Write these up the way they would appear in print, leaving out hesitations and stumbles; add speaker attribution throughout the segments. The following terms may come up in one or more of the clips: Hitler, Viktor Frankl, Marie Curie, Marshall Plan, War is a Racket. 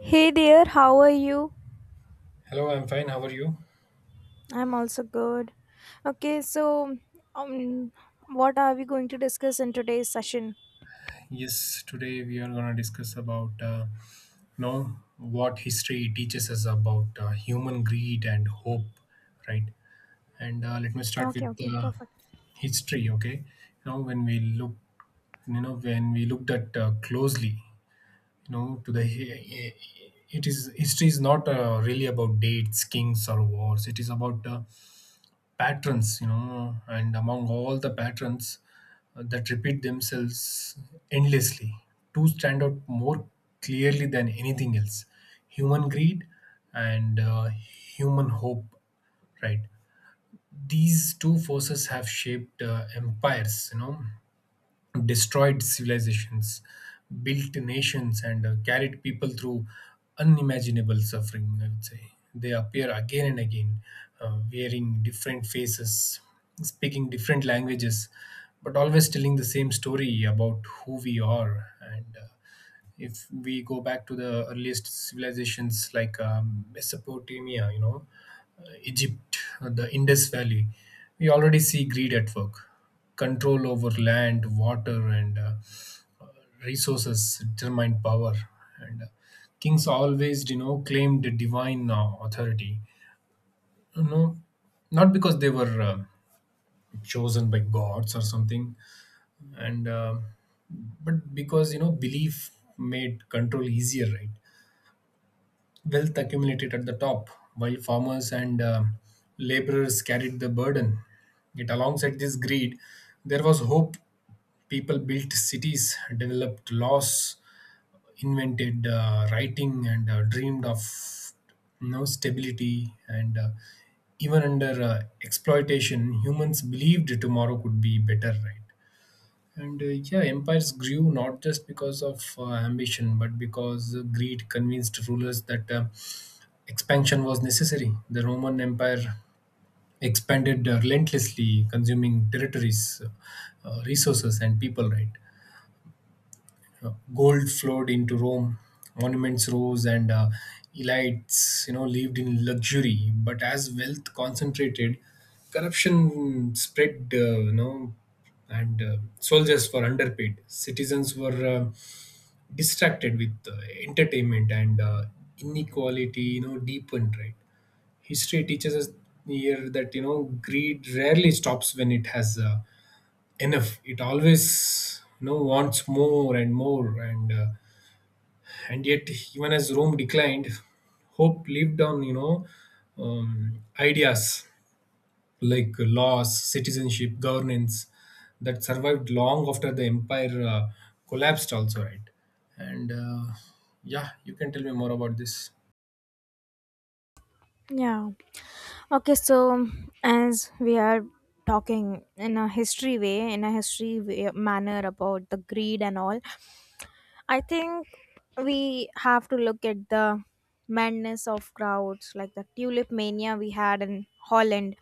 Speaker 1: Hey there, how are you?
Speaker 2: Hello, I'm fine. How are you?
Speaker 1: I'm also good. Okay, so um, what are we going to discuss in today's session?
Speaker 2: Yes, today we are going to discuss about what history teaches us about human greed and hope, right? And let me start
Speaker 1: Okay,
Speaker 2: with
Speaker 1: okay,
Speaker 2: uh,
Speaker 1: perfect.
Speaker 2: history. Okay, when we look, when we looked at closely, to the eh, it is history is not really about dates, kings, or wars. It is about patterns, and among all the patterns that repeat themselves endlessly, two stand out more clearly than anything else: human greed and human hope, right? These two forces have shaped empires, destroyed civilizations, built nations, and carried people through unimaginable suffering. I would say they appear again and again, wearing different faces, speaking different languages, but always telling the same story about who we are and. If we go back to the earliest civilizations like Mesopotamia, you know, Egypt, the Indus Valley, we already see greed at work. Control over land, water, and uh, resources determined power. And kings always, you know, claimed divine authority. You know, not because they were chosen by gods or something, and but because you know belief made control easier, right? Wealth accumulated at the top, while farmers and laborers carried the burden. Yet, alongside this greed, there was hope. People built cities, developed laws, invented writing, and dreamed of, you know, stability. And even under exploitation, humans believed tomorrow could be better, right? And yeah, empires grew not just because of ambition, but because greed convinced rulers that expansion was necessary. The Roman Empire expanded relentlessly, consuming territories, resources, and people. Right. Gold flowed into Rome, monuments rose, and elites, you know, lived in luxury. But as wealth concentrated, corruption spread. And soldiers were underpaid. Citizens were distracted with entertainment, and inequality, you know, deepened, right? History teaches us here that you know greed rarely stops when it has enough. It always you know wants more and more, and yet, even as Rome declined, hope lived on, you know. Ideas like laws, citizenship, governance, that survived long after the empire collapsed also, right? and yeah, you can tell me more about this.
Speaker 1: Yeah. Okay, so as we are talking in a history way, manner about the greed and all, I think we have to look at the madness of crowds, like the tulip mania we had in Holland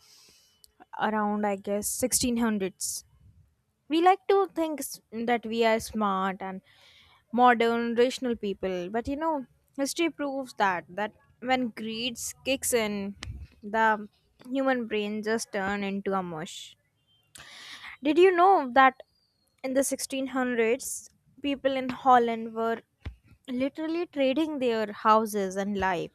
Speaker 1: around, I guess, 1600s. We like to that we are smart and modern rational people, but you know, history proves that when greed kicks in, the human brain just turn into a mush. Did you know that in the 1600s, people in Holland were literally trading their houses and life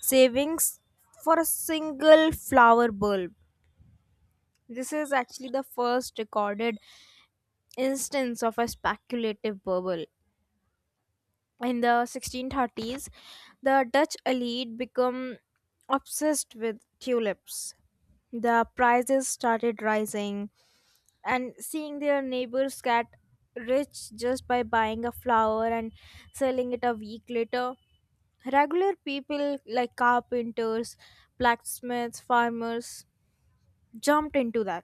Speaker 1: savings for a single flower bulb? This is actually the first recorded instance of a speculative bubble. In the 1630s, the Dutch elite become obsessed with tulips. The prices started rising, and seeing their neighbors get rich just by buying a flower and selling it a week later, regular people like carpenters, blacksmiths, farmers jumped into that.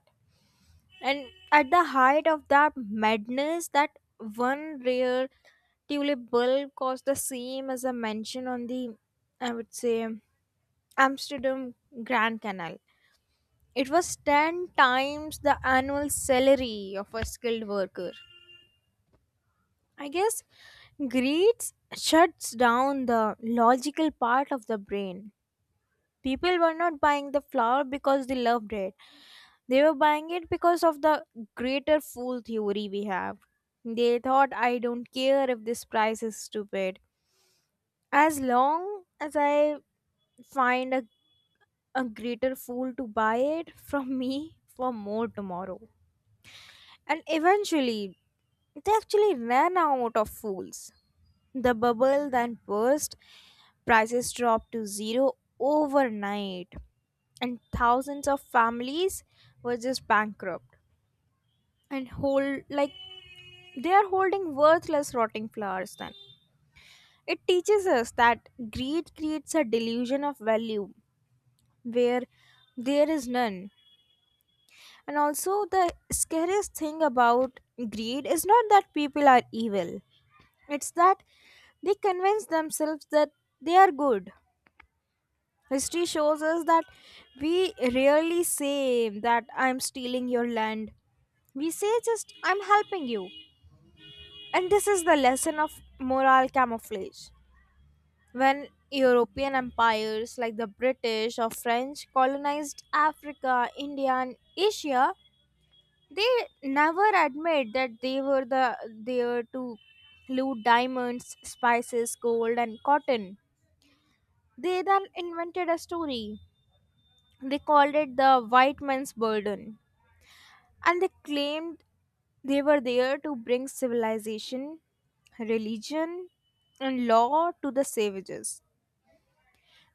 Speaker 1: And at the height of that madness, that one rare tulip bulb cost the same as a mansion on the, I would say, Amsterdam Grand Canal. It was 10 times the annual salary of a skilled worker. I guess greed shuts down the logical part of the brain. People were not buying the flower because they loved it. They were buying it because of the greater fool theory we have. They thought, I don't care if this price is stupid. As long as I find a, a greater fool to buy it from me for more tomorrow. And eventually, they actually ran out of fools. The bubble then burst, prices dropped to zero overnight, and thousands of families were just bankrupt and hold like they are holding worthless rotting flowers. Then it teaches us that greed creates a delusion of value where there is none. And also, the scariest thing about greed is not that people are evil, it's that they convince themselves that they are good. History shows us that we rarely say that I'm stealing your land. We say just, I'm helping you. And this is the lesson of moral camouflage. When European empires like the British or French colonized Africa, India, and Asia, they never admit that they were there to loot diamonds, spices, gold, and cotton. They then invented a story. They called it the white man's burden, and they claimed they were there to bring civilization, religion, and law to the savages.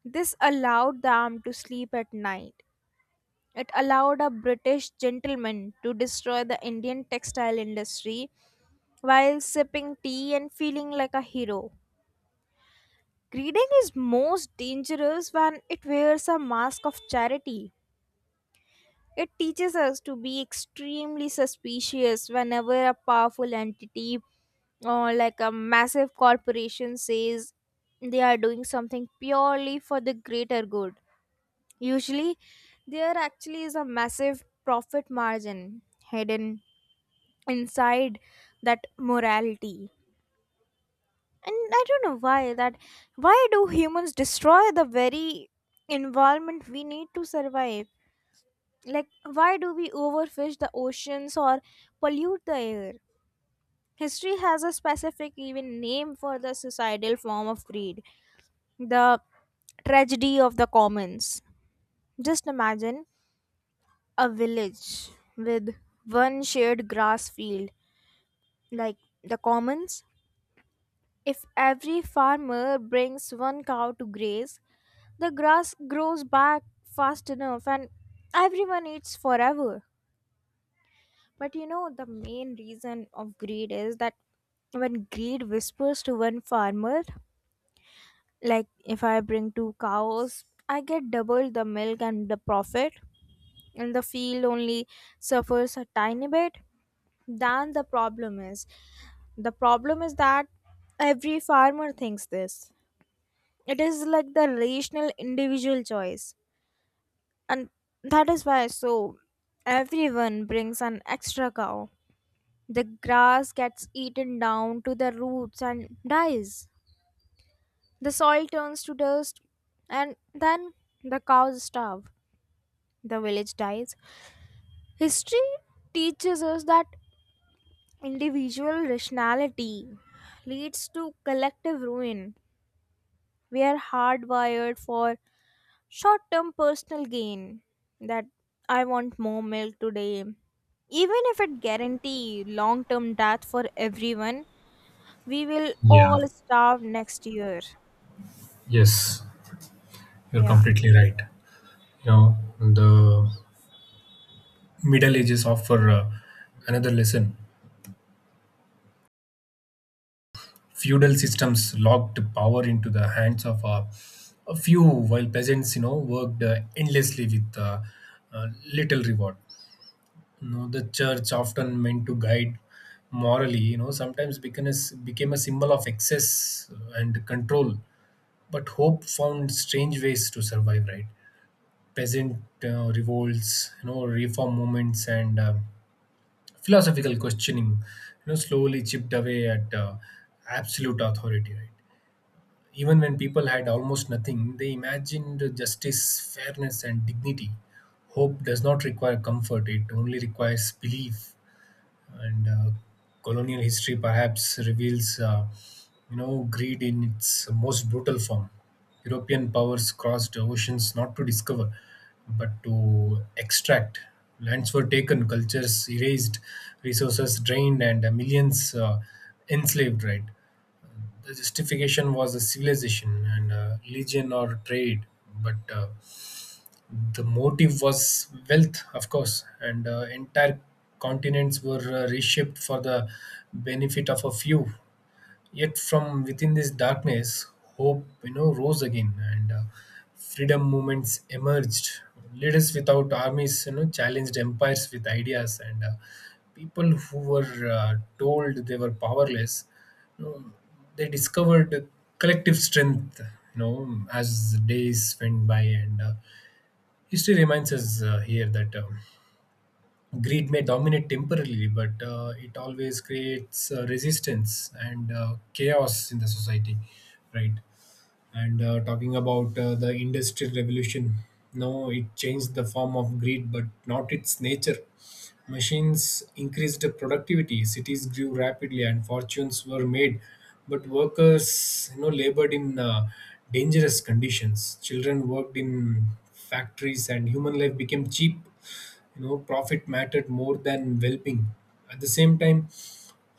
Speaker 1: This allowed them to sleep at night. It allowed a British gentleman to destroy the Indian textile industry while sipping tea and feeling like a hero. Greeding is most dangerous when it wears a mask of charity. It teaches us to be extremely suspicious whenever a powerful entity or like a massive corporation says they are doing something purely for the greater good. Usually, there actually is a massive profit margin hidden inside that morality. And I don't know why do humans destroy the very environment we need to survive? Like, why do we overfish the oceans or pollute the air? History has a specific, even name for the societal form of greed, the tragedy of the commons. Just imagine a village with one shared grass field, like the commons. If every farmer brings one cow to graze, the grass grows back fast enough and everyone eats forever. But you know, the main reason of greed is that when greed whispers to one farmer, like, if I bring two cows, I get double the milk and the profit, and the field only suffers a tiny bit. Then the problem is the problem is that every farmer thinks this. It is like the rational individual choice, and that is why, so everyone brings an extra cow. The grass gets eaten down to the roots and dies. The soil turns to dust, and then the cows starve. The village dies. History teaches us that individual rationality leads to collective ruin. We are hardwired for short term personal gain. That I want more milk today. Even if it guarantees long term death for everyone, we will
Speaker 2: Yeah.
Speaker 1: all starve next year.
Speaker 2: Yes, you're
Speaker 1: Yeah.
Speaker 2: completely right. You know, the Middle Ages offer another lesson. Feudal systems locked power into the hands of a few, while peasants, you know, worked endlessly with uh, little reward. You know, the church, often meant to guide morally, you know, sometimes became became a symbol of excess and control. But hope found strange ways to survive, right? Peasant revolts, you know, reform movements, and philosophical questioning, you know, slowly chipped away at absolute authority, right? Even when people had almost nothing, they imagined justice, fairness, and dignity. Hope does not require comfort, it only requires belief. And colonial history perhaps reveals you know greed in its most brutal form. European powers crossed oceans not to discover but to extract. Lands were taken, cultures erased, resources drained, and millions enslaved, right? The justification was a civilization and religion or trade, but the motive was wealth, of course, and entire continents were reshaped for the benefit of a few. Yet, from within this darkness, hope, you know, rose again, and freedom movements emerged. Leaders without armies, you know, challenged empires with ideas, and people who were told they were powerless, you know, they discovered collective strength, you know, as days went by. And History reminds us here that greed may dominate temporarily, but it always creates resistance and chaos in the society, right? and talking about the Industrial Revolution, no, it changed the form of greed but not its nature. Machines increased the productivity, cities grew rapidly, and fortunes were made. But workers, you know, labored in dangerous conditions, children worked in factories, and human life became cheap. You know, profit mattered more than well-being. At the same time,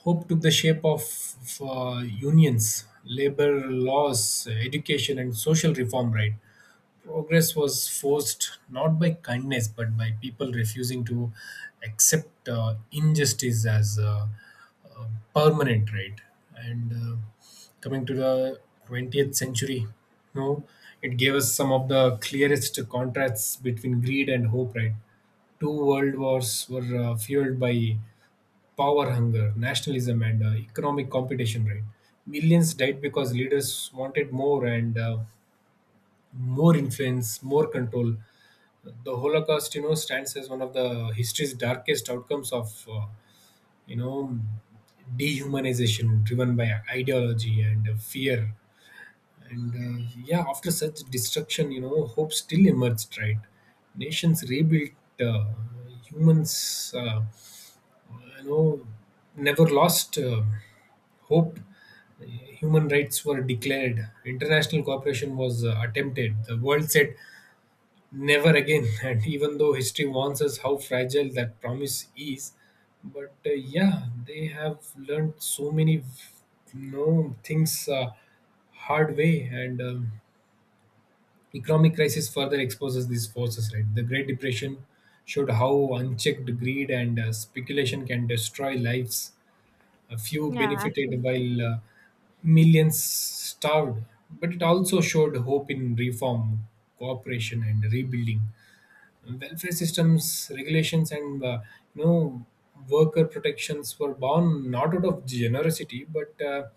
Speaker 2: hope took the shape of uh, unions, labor laws, education, and social reform, right? Progress was forced not by kindness but by people refusing to accept injustice as uh, permanent, right? And coming to the 20th century, you know, it gave us some of the clearest contrasts between greed and hope, right? Two world wars were fueled by power hunger, nationalism, and economic competition. Right, millions died because leaders wanted more, and more influence, more control. The Holocaust, you know, stands as one of the history's darkest outcomes of, you know, dehumanization driven by ideology and fear. And yeah, after such destruction, you know, hope still emerged, right? Nations rebuilt, uh, humans, you know, never lost hope. Human rights were declared, international cooperation was attempted. The world said, Never again. And even though history warns us how fragile that promise is, but yeah, they have learned so many no things hard way. And economic crisis further exposes these forces. Right, the Great Depression showed how unchecked greed and speculation can destroy lives. A few
Speaker 1: Yeah,
Speaker 2: benefited
Speaker 1: absolutely.
Speaker 2: while millions starved. But it also showed hope in reform, cooperation, and rebuilding. Welfare systems, regulations, and you know worker protections were born not out of generosity but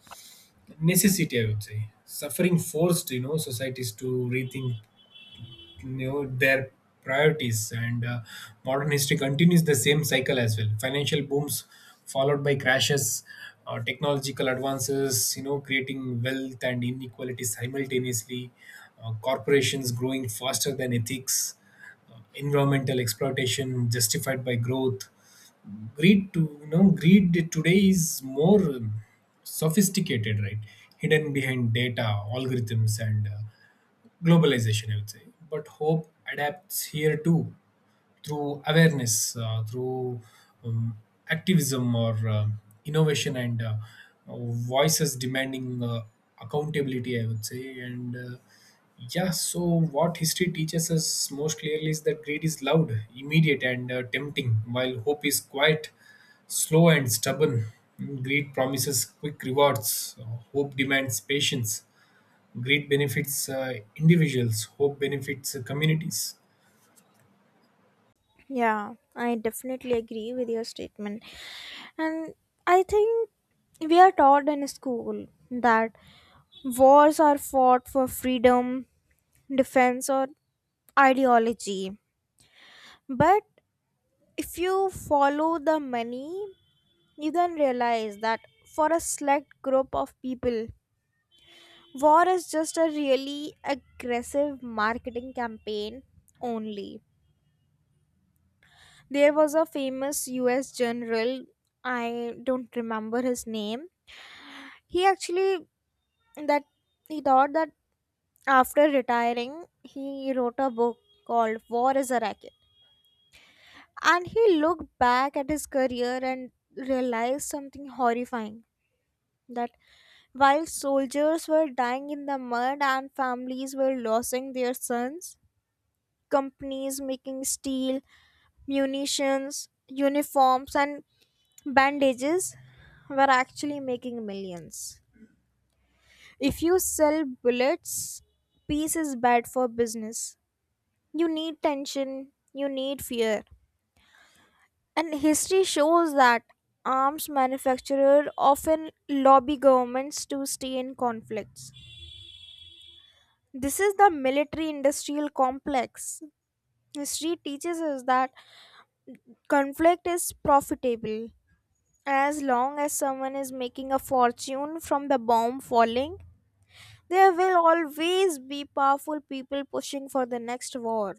Speaker 2: necessity, I would say. Suffering forced you know societies to rethink know their priorities. And modern history continues the same cycle as well. Financial booms followed by crashes, technological advances you know creating wealth and inequality simultaneously, corporations growing faster than ethics, environmental exploitation justified by growth. Greed to You know, greed today is more sophisticated, right? Hidden behind data, algorithms, and globalization, I would say. But hope adapts here too, through awareness, through um, activism or innovation and uh, voices demanding accountability, I would say. And yeah, so what history teaches us most clearly is that greed is loud, immediate, and tempting, while hope is quiet, slow, and stubborn. Greed promises quick rewards, hope demands patience. Greed benefits individuals, hope benefits communities.
Speaker 1: Yeah, I definitely agree with your statement. And I think we are taught in school that wars are fought for freedom, defense, or ideology. But if you follow the money, you then realize that for a select group of people, war is just a really aggressive marketing campaign only. There was a famous US general, I don't remember his name. He actually that he thought that after retiring, he wrote a book called War is a Racket. And he looked back at his career and realized something horrifying, that while soldiers were dying in the mud and families were losing their sons, companies making steel, munitions, uniforms, and bandages were actually making millions. If you sell bullets, peace is bad for business. You need tension, you need fear. And history shows that arms manufacturers often lobby governments to stay in conflicts. This is the military industrial complex. History teaches us that conflict is profitable. As long as someone is making a fortune from the bomb falling, there will always be powerful people pushing for the next war.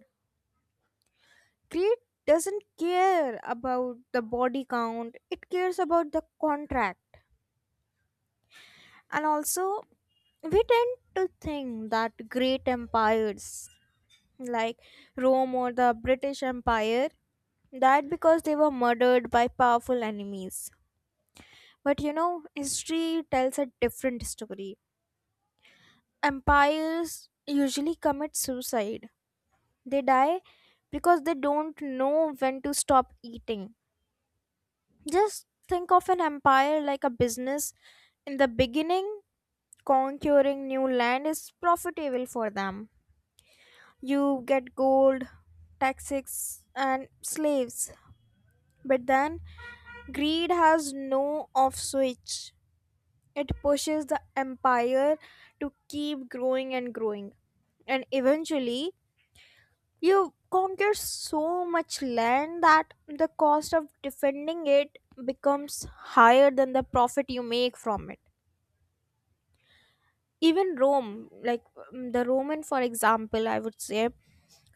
Speaker 1: Greed doesn't care about the body count, it cares about the contract. And also, we tend to think that great empires like Rome or the British Empire died because they were murdered by powerful enemies. But you know, history tells a different story. Empires usually commit suicide. They die because they don't know when to stop eating. Just think of an empire like a business. In the beginning, conquering new land is profitable for them. You get gold, taxes, and slaves. But then, greed has no off switch. It pushes the empire to keep growing and growing. And eventually, you conquer so much land that the cost of defending it becomes higher than the profit you make from it. Even Rome, like the Roman, for example, I would say,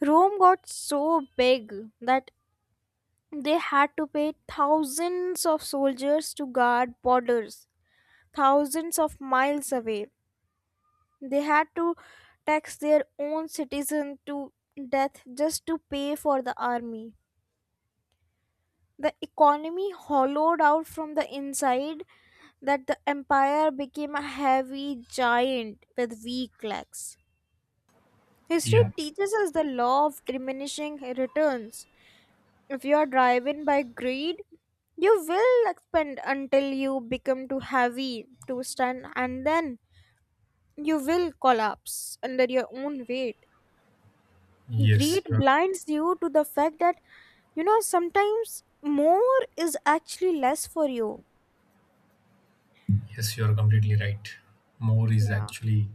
Speaker 1: Rome got so big that they had to pay thousands of soldiers to guard borders, thousands of miles away. They had to tax their own citizen to death just to pay for the army. The economy hollowed out from the inside, that the empire became a heavy giant with weak legs. History
Speaker 2: Yeah.
Speaker 1: teaches us the law of diminishing returns. If you are driven by greed, you will expand until you become too heavy to stand, and then you will collapse under your own weight.
Speaker 2: Yes,
Speaker 1: Greed
Speaker 2: you're
Speaker 1: blinds you to the fact that, you know, sometimes more is actually less for you.
Speaker 2: yes, you're completely right. More is
Speaker 1: Yeah.
Speaker 2: actually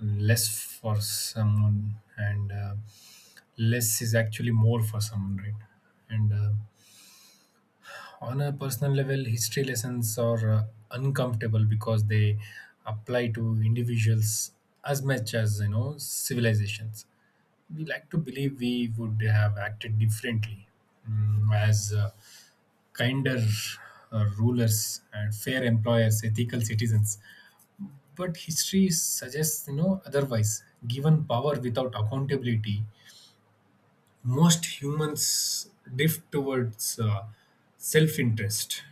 Speaker 2: less for someone, and less is actually more for someone, right? And on a personal level, history lessons are uncomfortable because they apply to individuals as much as you know civilizations. We like to believe we would have acted differently, as kinder rulers and fair employers, ethical citizens. But history suggests, you know, otherwise. Given power without accountability, most humans drift towards self-interest.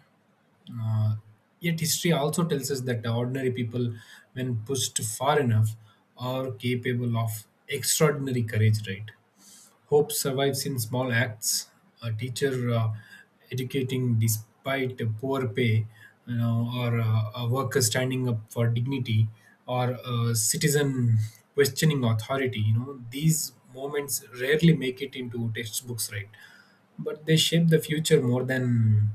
Speaker 2: Uh, yet history also tells us that ordinary people, when pushed far enough, are capable of extraordinary courage. Right? Hope survives in small acts. A teacher educating despite the poor pay, you know, or a worker standing up for dignity, or a citizen questioning authority. You know, these moments rarely make it into textbooks, right? But they shape the future more than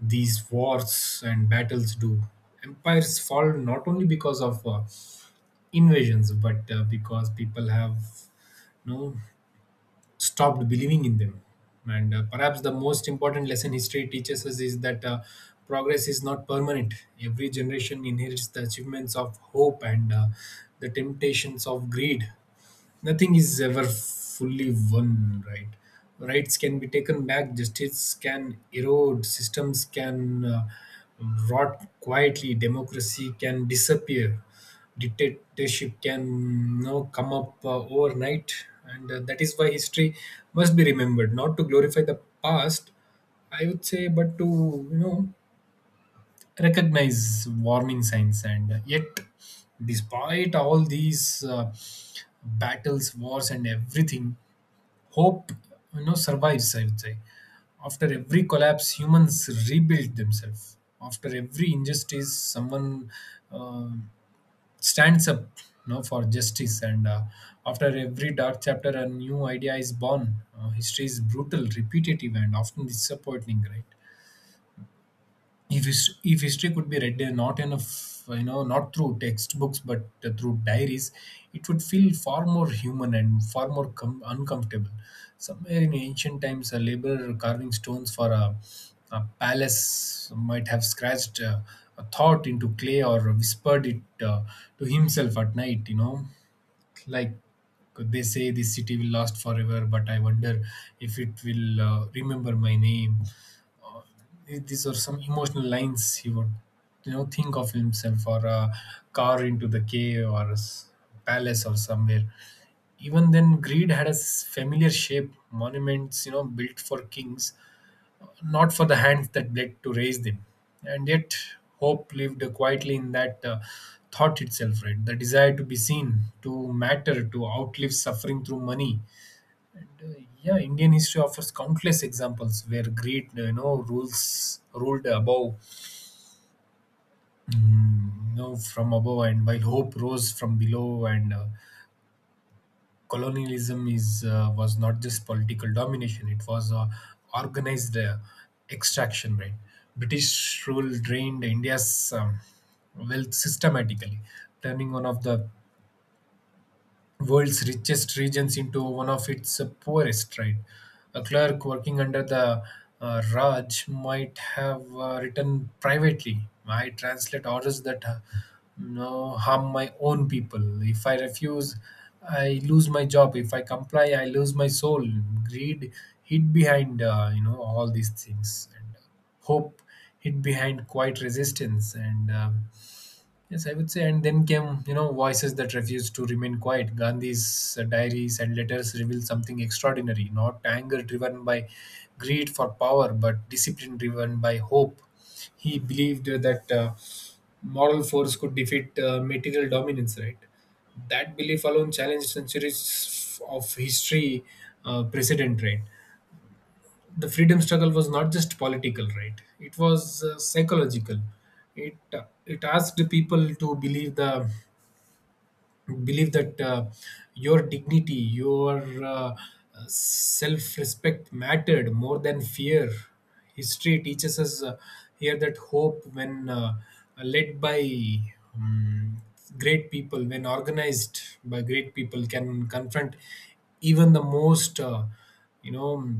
Speaker 2: these wars and battles do. Empires fall not only because of invasions, but because people have no stopped believing in them. And perhaps the most important lesson history teaches us is that progress is not permanent. Every generation inherits the achievements of hope and the temptations of greed. Nothing is ever fully won, right? Rights can be taken back, justice can erode, systems can rot quietly, democracy can disappear, dictatorship can now come up overnight. And that is why history must be remembered, not to glorify the past, I would say, but to, you know, recognize warning signs. And yet, despite all these battles, wars, and everything, hope, you know, survives, I would say. After every collapse humans rebuild themselves, after every injustice someone uh, stands up, you know, for justice, and after every dark chapter a new idea is born. History is brutal, repetitive, and often disappointing, right? If history could be read, not in a you know not through textbooks but through diaries, it would feel far more human and far more uncomfortable. Somewhere in ancient times, a laborer carving stones for a palace might have scratched a thought into clay or whispered it to himself at night, you know, like they say this city will last forever, but I wonder if it will remember my name. These are some emotional lines he would, you know, think of himself, or a car into the cave or a palace or somewhere. Even then, greed had a familiar shape, monuments, you know, built for kings, not for the hands that bled to raise them. And yet, hope lived quietly in that thought itself, right? The desire to be seen, to matter, to outlive suffering through money. Yeah, Indian history offers countless examples where greed, you know, rules ruled above. Mm, no, from above, and while hope rose from below. And colonialism is was not just political domination, it was organized extraction, right? British rule drained india's wealth systematically, turning one of the world's richest regions into one of its poorest, right? A clerk working under the Raj might have written privately. I translate orders that no harm my own people. If I refuse, I lose my job. If I comply, I lose my soul. Greed hid behind all these things, and hope hid behind quiet resistance, and Yes, I would say, and then came, you know, voices that refused to remain quiet. Gandhi's diaries and letters reveal something extraordinary, not anger driven by greed for power, but discipline driven by hope. He believed that moral force could defeat material dominance, right? That belief alone challenged centuries of history precedent, right? The freedom struggle was not just political, right? It was psychological. It asked people to believe the to believe that your dignity, your self respect mattered more than fear. History teaches us here that hope, when led by um, great people, when organized by great people, can confront even the most, you know,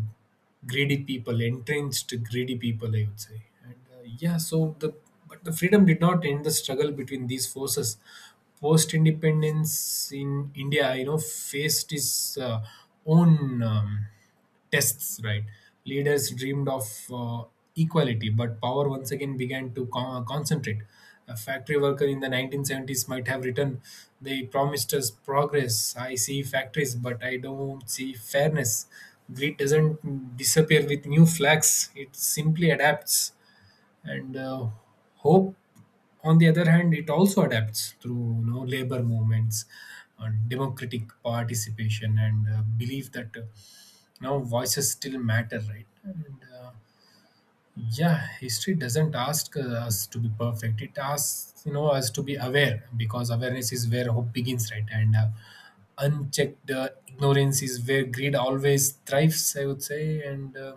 Speaker 2: greedy people, entrenched greedy people, I would say. Yeah, so the But the freedom did not end the struggle between these forces. Post independence in India, you know, faced its own tests. Right, leaders dreamed of uh, equality, but power once again began to concentrate. A factory worker in the 1970s might have written, "They promised us progress. I see factories, but I don't see fairness." Greed doesn't disappear with new flags; it simply adapts. And hope, on the other hand, it also adapts through, you know, labor movements, democratic participation, and belief that now voices still matter, right? And yeah, history doesn't ask us to be perfect, it asks, you know, us to be aware, because awareness is where hope begins, right? And unchecked ignorance is where greed always thrives, I would say. And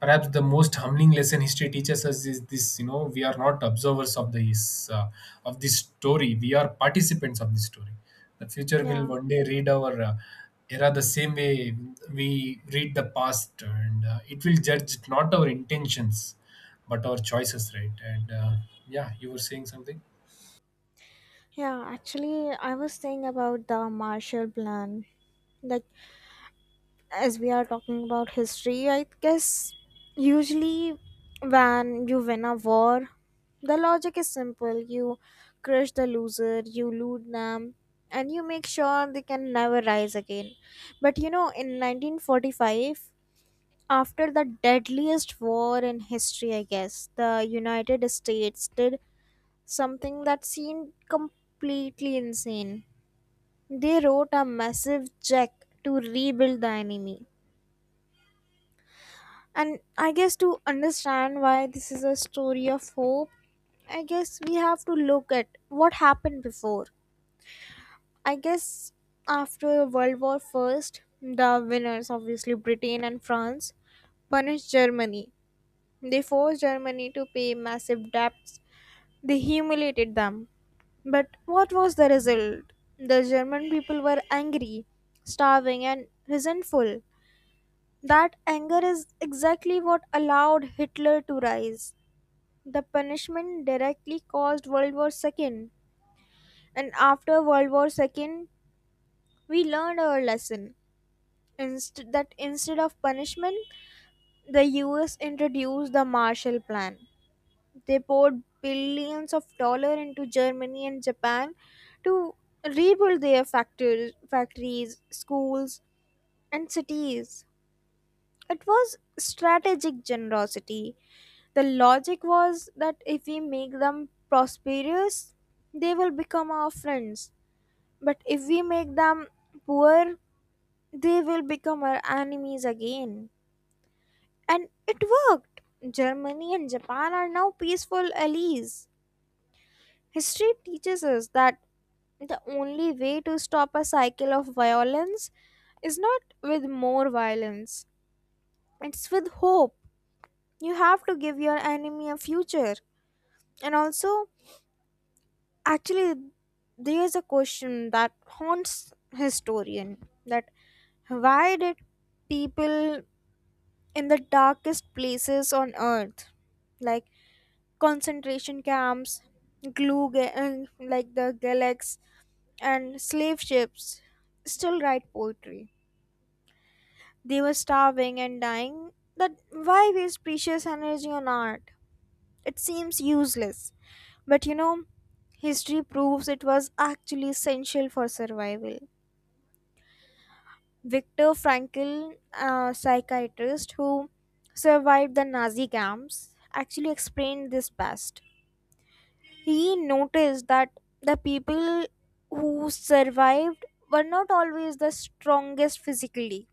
Speaker 2: perhaps the most humbling lesson history teaches us is this, you know, we are not observers uh, of this story, we are participants of this story. The future will
Speaker 1: Yeah,
Speaker 2: one day read our era the same way we read the past. And it will judge not our intentions but our choices, right? And yeah, you were saying something.
Speaker 1: yeah. Actually, I was saying about the Marshall Plan. Like, as we are talking about history, I guess usually when you win a war, the logic is simple. You crush the loser, you loot them, and you make sure they can never rise again. But you know, in 1945, after the deadliest war in history, I guess, the United States did something that seemed completely insane. They wrote a massive check to rebuild the enemy. And I guess to understand why this is a story of hope, I guess we have to look at what happened before. I guess after World War First, the winners, obviously Britain and France, punished Germany. They forced Germany to pay massive debts. They humiliated them. But what was the result? The German people were angry, starving, and resentful. That anger is exactly what allowed Hitler to rise. The punishment directly caused World War II. And after World War II, we learned our lesson. That instead of punishment, the US introduced the Marshall Plan. They poured billions of dollars into Germany and Japan to rebuild their factories, schools, and cities. It was strategic generosity. The logic was that if we make them prosperous, they will become our friends. But if we make them poor, they will become our enemies again. And it worked. Germany and Japan are now peaceful allies. History teaches us that the only way to stop a cycle of violence is not with more violence, it's with hope. You have to give your enemy a future. And also, actually, there's a question that haunts historian, that why did people in the darkest places on earth, like concentration camps, glue ga- uh, like the gulags and slave ships, still write poetry? They were starving and dying. That why waste precious energy on art? It seems useless. But you know, history proves it was actually essential for survival. Viktor Frankl, a psychiatrist who survived the Nazi camps, actually explained this best. He noticed that the people who survived were not always the strongest physically.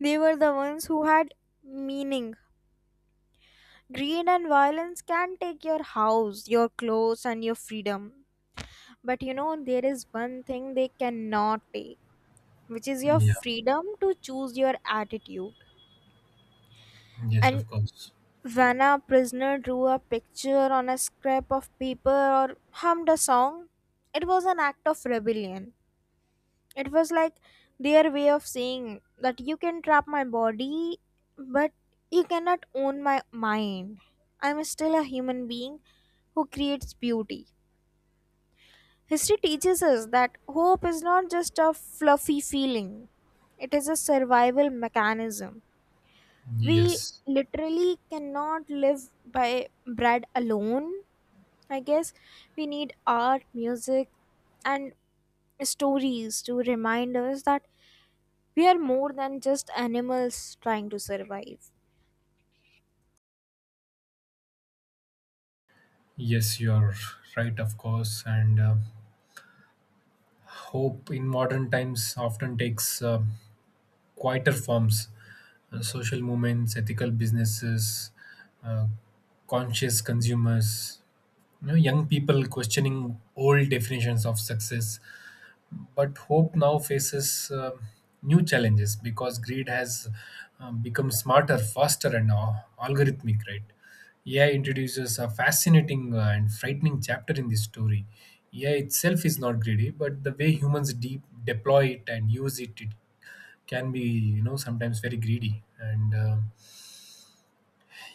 Speaker 1: They were the ones who had meaning. Greed and violence can take your house, your clothes, and your freedom. But you know, there is one thing they cannot take, which is your
Speaker 2: Yeah,
Speaker 1: freedom to choose your attitude.
Speaker 2: yes, of
Speaker 1: And
Speaker 2: course.
Speaker 1: when a prisoner drew a picture on a scrap of paper or hummed a song, it was an act of rebellion. It was like their way of saying that you can trap my body, but you cannot own my mind. I'm still a human being who creates beauty. History teaches us that hope is not just a fluffy feeling, it is a survival mechanism. We
Speaker 2: Yes.
Speaker 1: literally cannot live by bread alone. I guess we need art, music, and stories to remind us that we are more than just animals trying to survive.
Speaker 2: Yes, you are right, of course. And hope in modern times often takes quieter forms, social movements, ethical businesses, uh, conscious consumers, you know, young people questioning old definitions of success. But hope now faces new challenges because greed has become smarter, faster, and algorithmic, right? AI introduces a fascinating and frightening chapter in this story. AI itself is not greedy, but the way humans deploy it and use it, it can be, you know, sometimes very greedy. And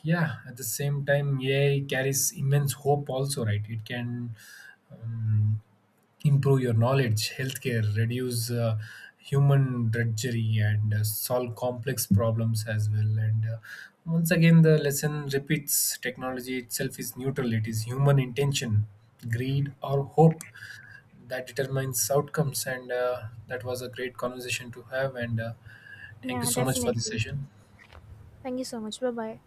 Speaker 2: yeah, at the same time, ai carries immense hope also, right? It can um, improve your knowledge, healthcare, reduce human drudgery, and solve complex problems as well. And once again the lesson repeats, technology itself is neutral, it is human intention, greed or hope, that determines outcomes. And that was a great conversation to have. And thank you
Speaker 1: Yeah,
Speaker 2: so much for this
Speaker 1: definitely.
Speaker 2: session.
Speaker 1: Thank you so much. Bye bye.